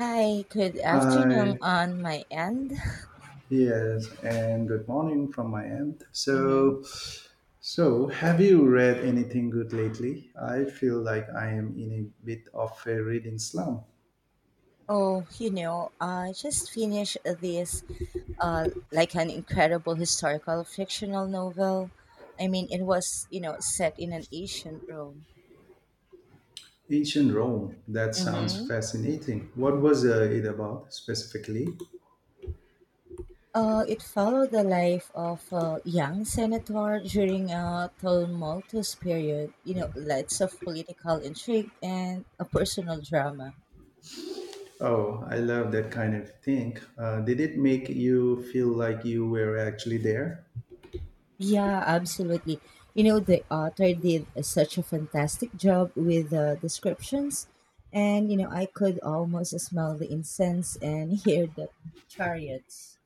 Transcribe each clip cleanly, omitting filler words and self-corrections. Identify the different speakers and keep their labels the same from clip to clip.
Speaker 1: Hi, good afternoon
Speaker 2: Hi.
Speaker 1: on my end.
Speaker 2: Yes, and good morning from my end.
Speaker 1: Mm-hmm.
Speaker 2: So, have you read anything good lately? I feel like I am in a bit of a reading slump.
Speaker 1: I just finished this, like an incredible historical fictional novel. I mean, it was set in an ancient Rome.
Speaker 2: Ancient Rome. That sounds
Speaker 1: Mm-hmm.
Speaker 2: fascinating. What was it about specifically?
Speaker 1: It followed the life of a young senator during a tumultuous period, you know, lots of political intrigue and a personal drama.
Speaker 2: Oh, I love that kind of thing. Did it make you feel like you were actually there?
Speaker 1: Yeah, absolutely. You know, the author such a fantastic job with the descriptions. And, you know, I could almost smell the incense and hear the chariots.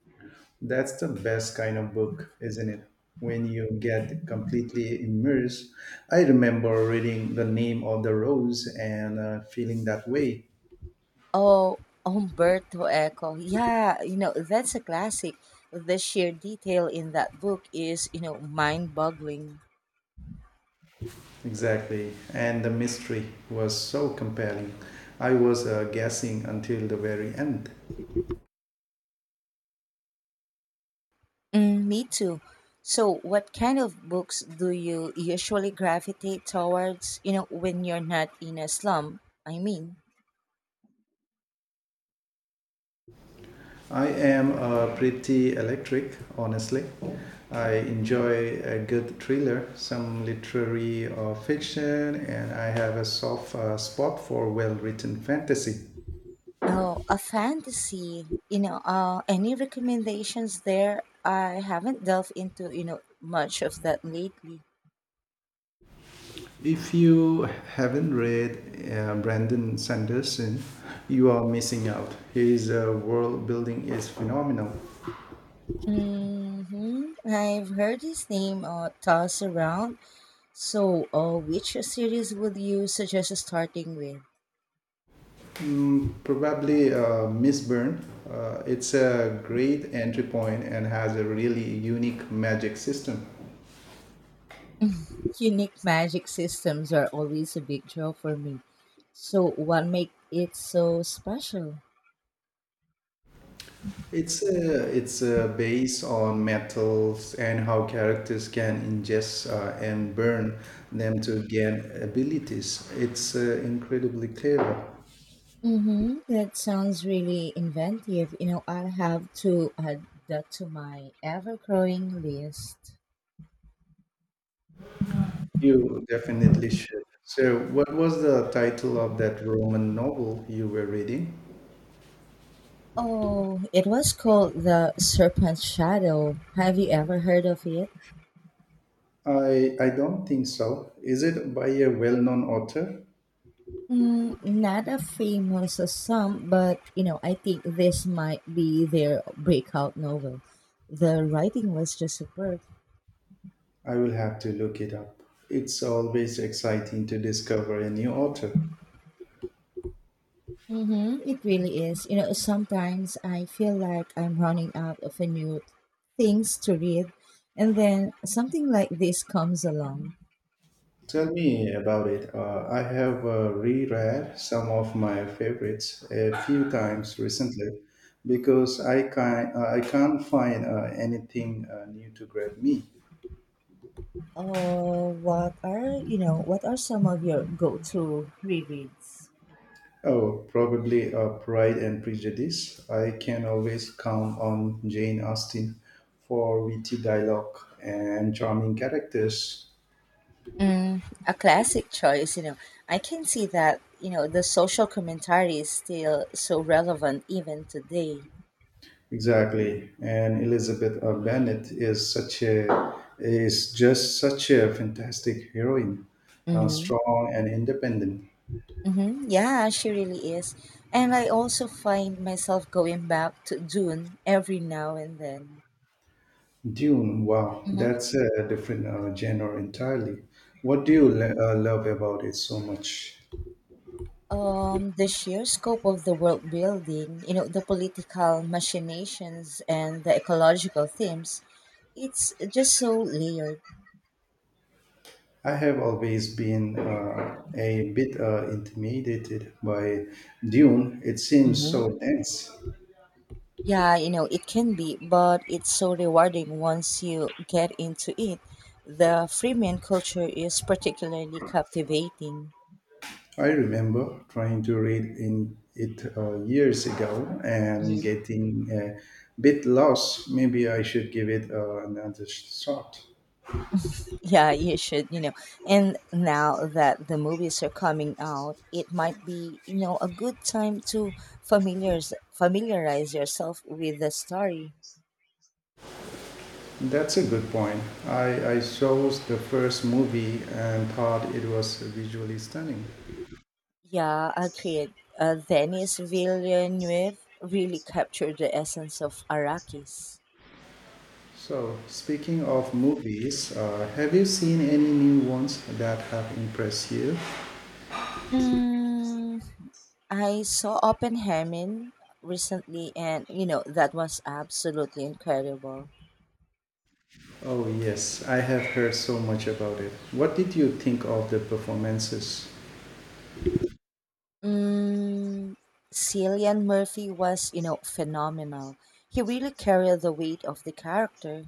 Speaker 2: That's the best kind of book, isn't it? When you get completely immersed. I remember reading The Name of the Rose and feeling that way.
Speaker 1: Oh, Umberto Eco. Yeah, you know, that's a classic. The sheer detail in that book is mind boggling.
Speaker 2: Exactly. And the mystery was so compelling. I was guessing until the very end.
Speaker 1: Mm, me too. So, what kind of books do you usually gravitate towards, you know, when you're not in a slum? I mean,
Speaker 2: I am pretty electric, honestly. I enjoy a good thriller, some literary fiction, and I have a soft spot for well written fantasy.
Speaker 1: Oh, a fantasy. Any recommendations there? I haven't delved into, you know, much of that lately.
Speaker 2: If you haven't read Brandon Sanderson, you are missing out. His world building is phenomenal.
Speaker 1: Hmm, I've heard his name tossed around. So, which series would you suggest starting with?
Speaker 2: Mm, probably Miss Byrne. It's a great entry point and has a really unique magic system.
Speaker 1: Unique magic systems are always a big draw for me. So, what makes it so special?
Speaker 2: It's a base on metals and how characters can ingest and burn them to gain abilities. It's incredibly clever.
Speaker 1: Mm-hmm. That sounds really inventive. You know, I'll have to add that to my ever growing list.
Speaker 2: You definitely should. So, what was the title of that Roman novel you were reading?
Speaker 1: Oh, it was called The Serpent's Shadow. Have you ever heard of it?
Speaker 2: I don't think so. Is it by a well-known author?
Speaker 1: Mm, not as famous as some, but you know, I think this might be their breakout novel. The writing was just superb.
Speaker 2: I will have to look it up. It's always exciting to discover a new author.
Speaker 1: Mm-hmm. It really is. You know, sometimes I feel like I'm running out of a new things to read, and then something like this comes along.
Speaker 2: Tell me about it. I have reread some of my favorites a few times recently because I can't find anything new to grab me.
Speaker 1: What are you know? What are some of your go-to rereads?
Speaker 2: Oh, probably Pride and Prejudice. I can always count on Jane Austen for witty dialogue and charming characters.
Speaker 1: Mm, a classic choice, you know. I can see that, you know, the social commentary is still so relevant even today.
Speaker 2: Exactly, and Elizabeth Bennet is just such a fantastic heroine,
Speaker 1: Hmm.
Speaker 2: strong and independent.
Speaker 1: Mm-hmm. Yeah, she really is. And I also find myself going back to Dune every now and then.
Speaker 2: Dune, wow,
Speaker 1: Hmm.
Speaker 2: that's a different genre entirely. What do you love about it so much?
Speaker 1: The sheer scope of the world building, you know, the political machinations and the ecological themes, it's just so layered.
Speaker 2: I have always been a bit intimidated by Dune. It seems so dense.
Speaker 1: Yeah, you know, it can be, but it's so rewarding once you get into it. The Freemian culture is particularly captivating.
Speaker 2: I remember trying to read in it years ago and
Speaker 1: Mhm.
Speaker 2: getting a bit lost. Maybe I should give it another shot.
Speaker 1: Yeah, you should, you know. And now that the movies are coming out, it might be, you know, a good time to familiarize yourself with the story.
Speaker 2: That's a good point. I saw the first movie and thought it was visually stunning.
Speaker 1: Yeah, agreed. Denis Villeneuve really captured the essence of Arrakis.
Speaker 2: So, speaking of movies, have you seen any new ones that have impressed you?
Speaker 1: Mm, I saw Oppenheimer recently, and you know that was absolutely incredible.
Speaker 2: Oh, yes, I have heard so much about it. What did you think of the performances?
Speaker 1: Mm, Cillian Murphy was, you know, phenomenal. He really carried the weight of the character.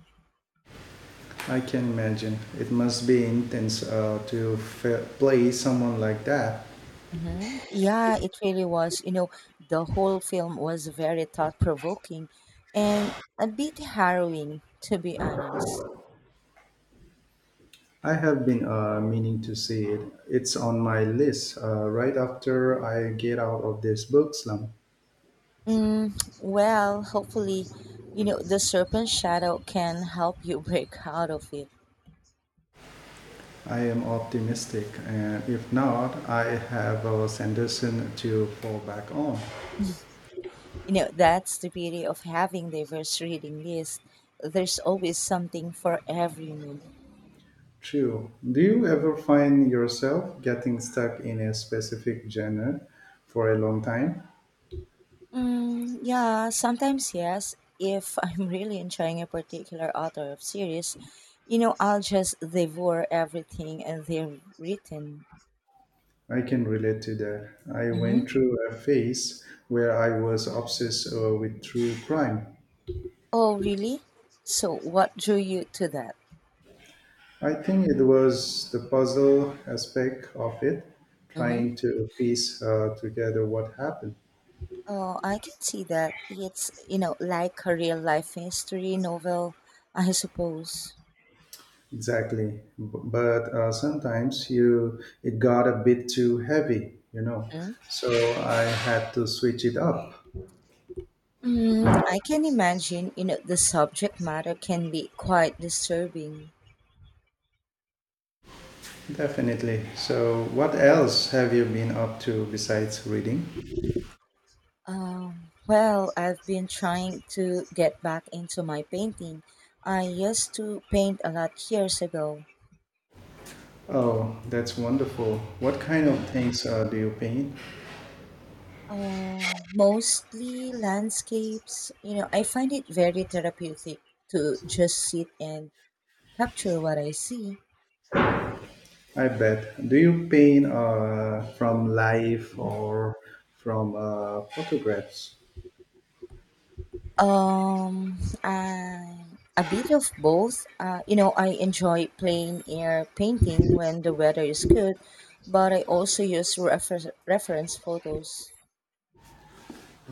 Speaker 2: I can imagine. It must be intense to play someone like that.
Speaker 1: Hmm. Yeah, it really was. You know, the whole film was very thought provoking and a bit harrowing, to be honest.
Speaker 2: I have been meaning to see it. It's on my list right after I get out of this book slump.
Speaker 1: Mm, well, hopefully, you know, the serpent shadow can help you break out of it.
Speaker 2: I am optimistic, and if not, I have Sanderson to fall back on.
Speaker 1: You know, that's the beauty of having diverse reading lists. There's always something for every mood.
Speaker 2: True. Do you ever find yourself getting stuck in a specific genre for a long time?
Speaker 1: Mm, yeah, sometimes yes. If I'm really enjoying a particular author of series, you know, I'll just devour everything and they're written.
Speaker 2: I can relate to that. I
Speaker 1: Mm-hmm.
Speaker 2: went through a phase where I was obsessed with true crime.
Speaker 1: Oh, really? So, what drew you to that?
Speaker 2: I think it was the puzzle aspect of it,
Speaker 1: Mm-hmm.
Speaker 2: trying to piece together what happened.
Speaker 1: Oh, I can see that. It's, you know, like a real life history novel, I suppose.
Speaker 2: Exactly. But sometimes you it got a bit too heavy.
Speaker 1: Mhm.
Speaker 2: So I had to switch it up.
Speaker 1: Mm, I can imagine, you know, the subject matter can be quite disturbing.
Speaker 2: Definitely. So, what else have you been up to besides reading?
Speaker 1: Well, I've been trying to get back into my painting. I used to paint a lot years ago.
Speaker 2: Oh, that's wonderful. What kind of
Speaker 1: Hmm.
Speaker 2: things do you paint?
Speaker 1: Um, mostly landscapes. You know, I find it very therapeutic to just sit and capture what I see.
Speaker 2: I bet. Do you paint from life or from photographs?
Speaker 1: Um, I'm a bit of both. You know, I enjoy plain air painting when the weather is good, but I also use reference photos.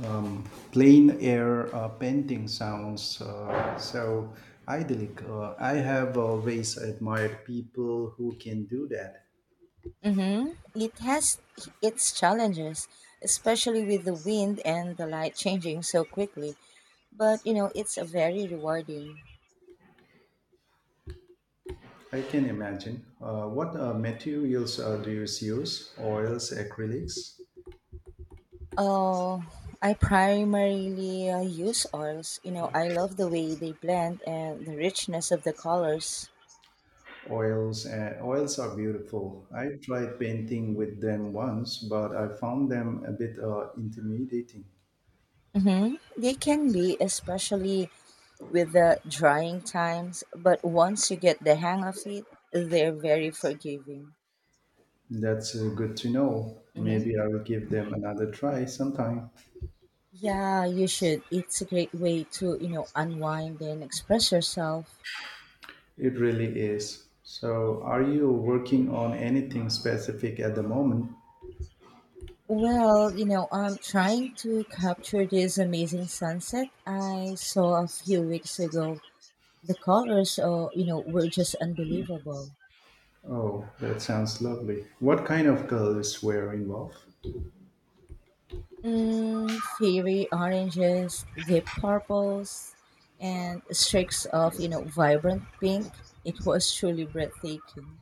Speaker 2: Um, plain air painting sounds so idyllic. I have always admired people who can do that.
Speaker 1: Mm-hmm. It has its challenges, especially with the wind and the light changing so quickly. But you know, it's a very rewarding.
Speaker 2: I can imagine. What materials do you use? Oils, acrylics?
Speaker 1: Oh, I primarily use oils. You know, I love the way they blend and the richness of the colors.
Speaker 2: Oils and oils are beautiful. I tried painting with them once, but I found them a bit intimidating.
Speaker 1: Hmm. They can be, especially with the drying times, but once you get the hang of it, they're very forgiving.
Speaker 2: That's good to know.
Speaker 1: Hmm.
Speaker 2: Maybe I will give them another try sometime.
Speaker 1: Yeah, you should. It's a great way to, you know, unwind and express yourself.
Speaker 2: It really is. So, are you working on anything specific at the moment?
Speaker 1: Well, you know, I'm trying to capture this amazing sunset I saw a few weeks ago. The colors, oh, you know, were just unbelievable.
Speaker 2: Oh, that sounds lovely. What kind of colors were involved?
Speaker 1: Mm, fiery oranges, deep purples, and streaks of you know vibrant pink. It was truly breathtaking.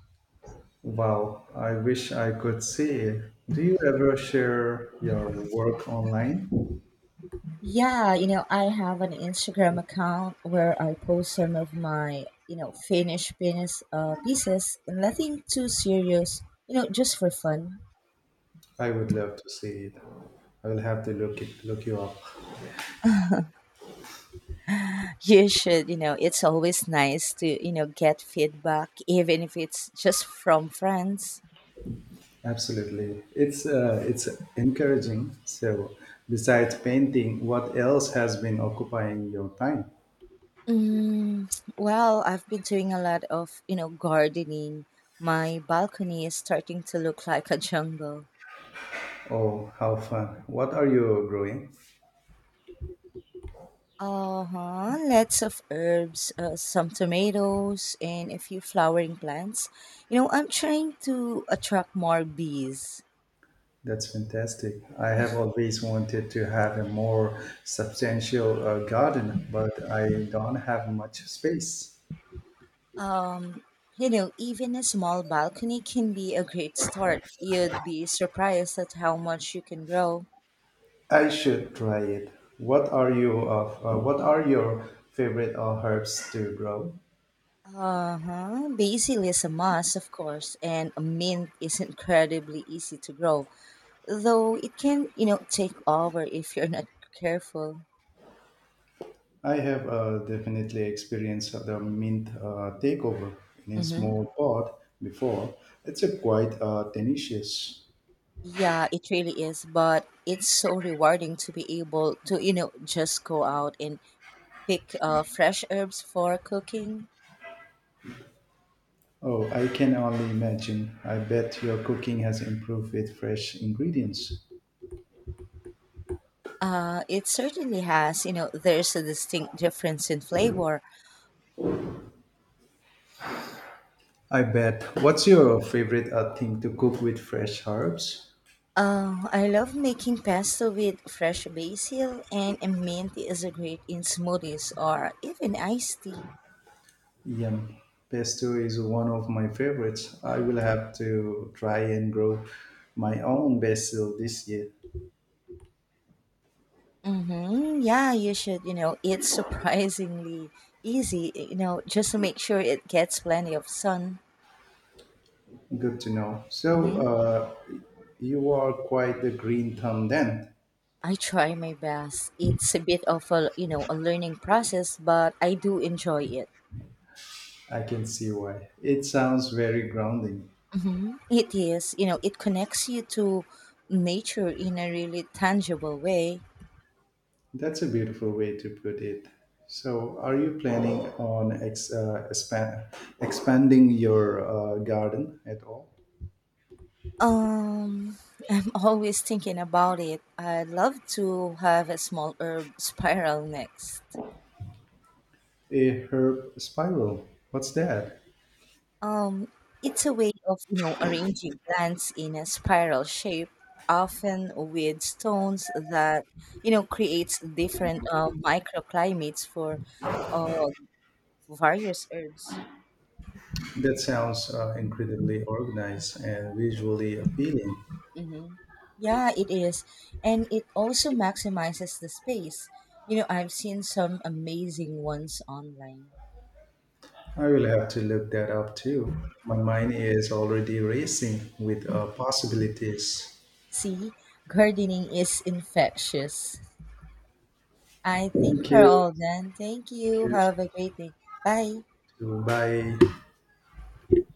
Speaker 2: Wow, I wish I could see it. Do you ever share your work online?
Speaker 1: Yeah, you know I have an Instagram account where I post some of my you know finished penis pieces, nothing too serious. You know, just for fun.
Speaker 2: I would love to see it. I will have to look you up.
Speaker 1: You should. You know, it's always nice to you know get feedback, even if it's just from friends.
Speaker 2: Absolutely, it's encouraging. So, besides painting, what else has been occupying your time?
Speaker 1: Mm, well, I've been doing a lot of, you know, gardening. My balcony is starting to look like a jungle.
Speaker 2: Oh, how fun! What are you growing?
Speaker 1: Uh-huh. Lots of herbs, some tomatoes, and a few flowering plants. You know, I'm trying to attract more bees.
Speaker 2: That's fantastic. I have always wanted to have a more substantial garden, but I don't have much space.
Speaker 1: Um, you know, even a small balcony can be a great start. You'd be surprised at how much you can grow.
Speaker 2: I should try it. What are you of? What are your favorite herbs to grow?
Speaker 1: Uh-huh. Basil is a must, of course, and a mint is incredibly easy to grow, though it can, you know, take over if you're not careful.
Speaker 2: I have definitely experienced the mint takeover in a
Speaker 1: Mm-hmm.
Speaker 2: small pot before. It's a quite tenacious.
Speaker 1: Yeah, it really is, but it's so rewarding to be able to, you know, just go out and pick fresh herbs for cooking.
Speaker 2: Oh, I can only imagine. I bet your cooking has improved with fresh ingredients.
Speaker 1: It certainly has, you know, there's a distinct difference in flavor.
Speaker 2: I bet. What's your favorite thing to cook with fresh herbs?
Speaker 1: I love making pesto with fresh basil and mint is a great in smoothies or even iced tea.
Speaker 2: Yum. Pesto is one of my favorites. I will have to try and grow my own basil this year.
Speaker 1: Mm-hmm. Yeah, you should. You know, it's surprisingly easy. You know, just to make sure it gets plenty of sun.
Speaker 2: Good to know. So,
Speaker 1: Mm-hmm.
Speaker 2: you are quite the green thumb then.
Speaker 1: I try my best. It's a bit of a you know a learning process, but I do enjoy it.
Speaker 2: I can see why. It sounds very grounding.
Speaker 1: Mm-hmm. It is. You know, it connects you to nature in a really tangible way.
Speaker 2: That's a beautiful way to put it. So, are you planning on expanding your garden at all?
Speaker 1: Um, I'm always thinking about it. I'd love to have a small herb spiral next.
Speaker 2: A herb spiral. What's that?
Speaker 1: Um, it's a way of, you know, arranging plants in a spiral shape, often with stones that, you know, creates different microclimates for uh, various herbs.
Speaker 2: That sounds incredibly organized and visually appealing.
Speaker 1: Hmm. Yeah, it is. And it also maximizes the space. You know, I've seen some amazing ones online.
Speaker 2: I will have to look that up too. My mind is already racing with possibilities.
Speaker 1: See, gardening is infectious. I think
Speaker 2: Thank
Speaker 1: we're
Speaker 2: you.
Speaker 1: all done. Thank
Speaker 2: Thank
Speaker 1: you.
Speaker 2: you.
Speaker 1: Have a great day. Bye.
Speaker 2: Bye.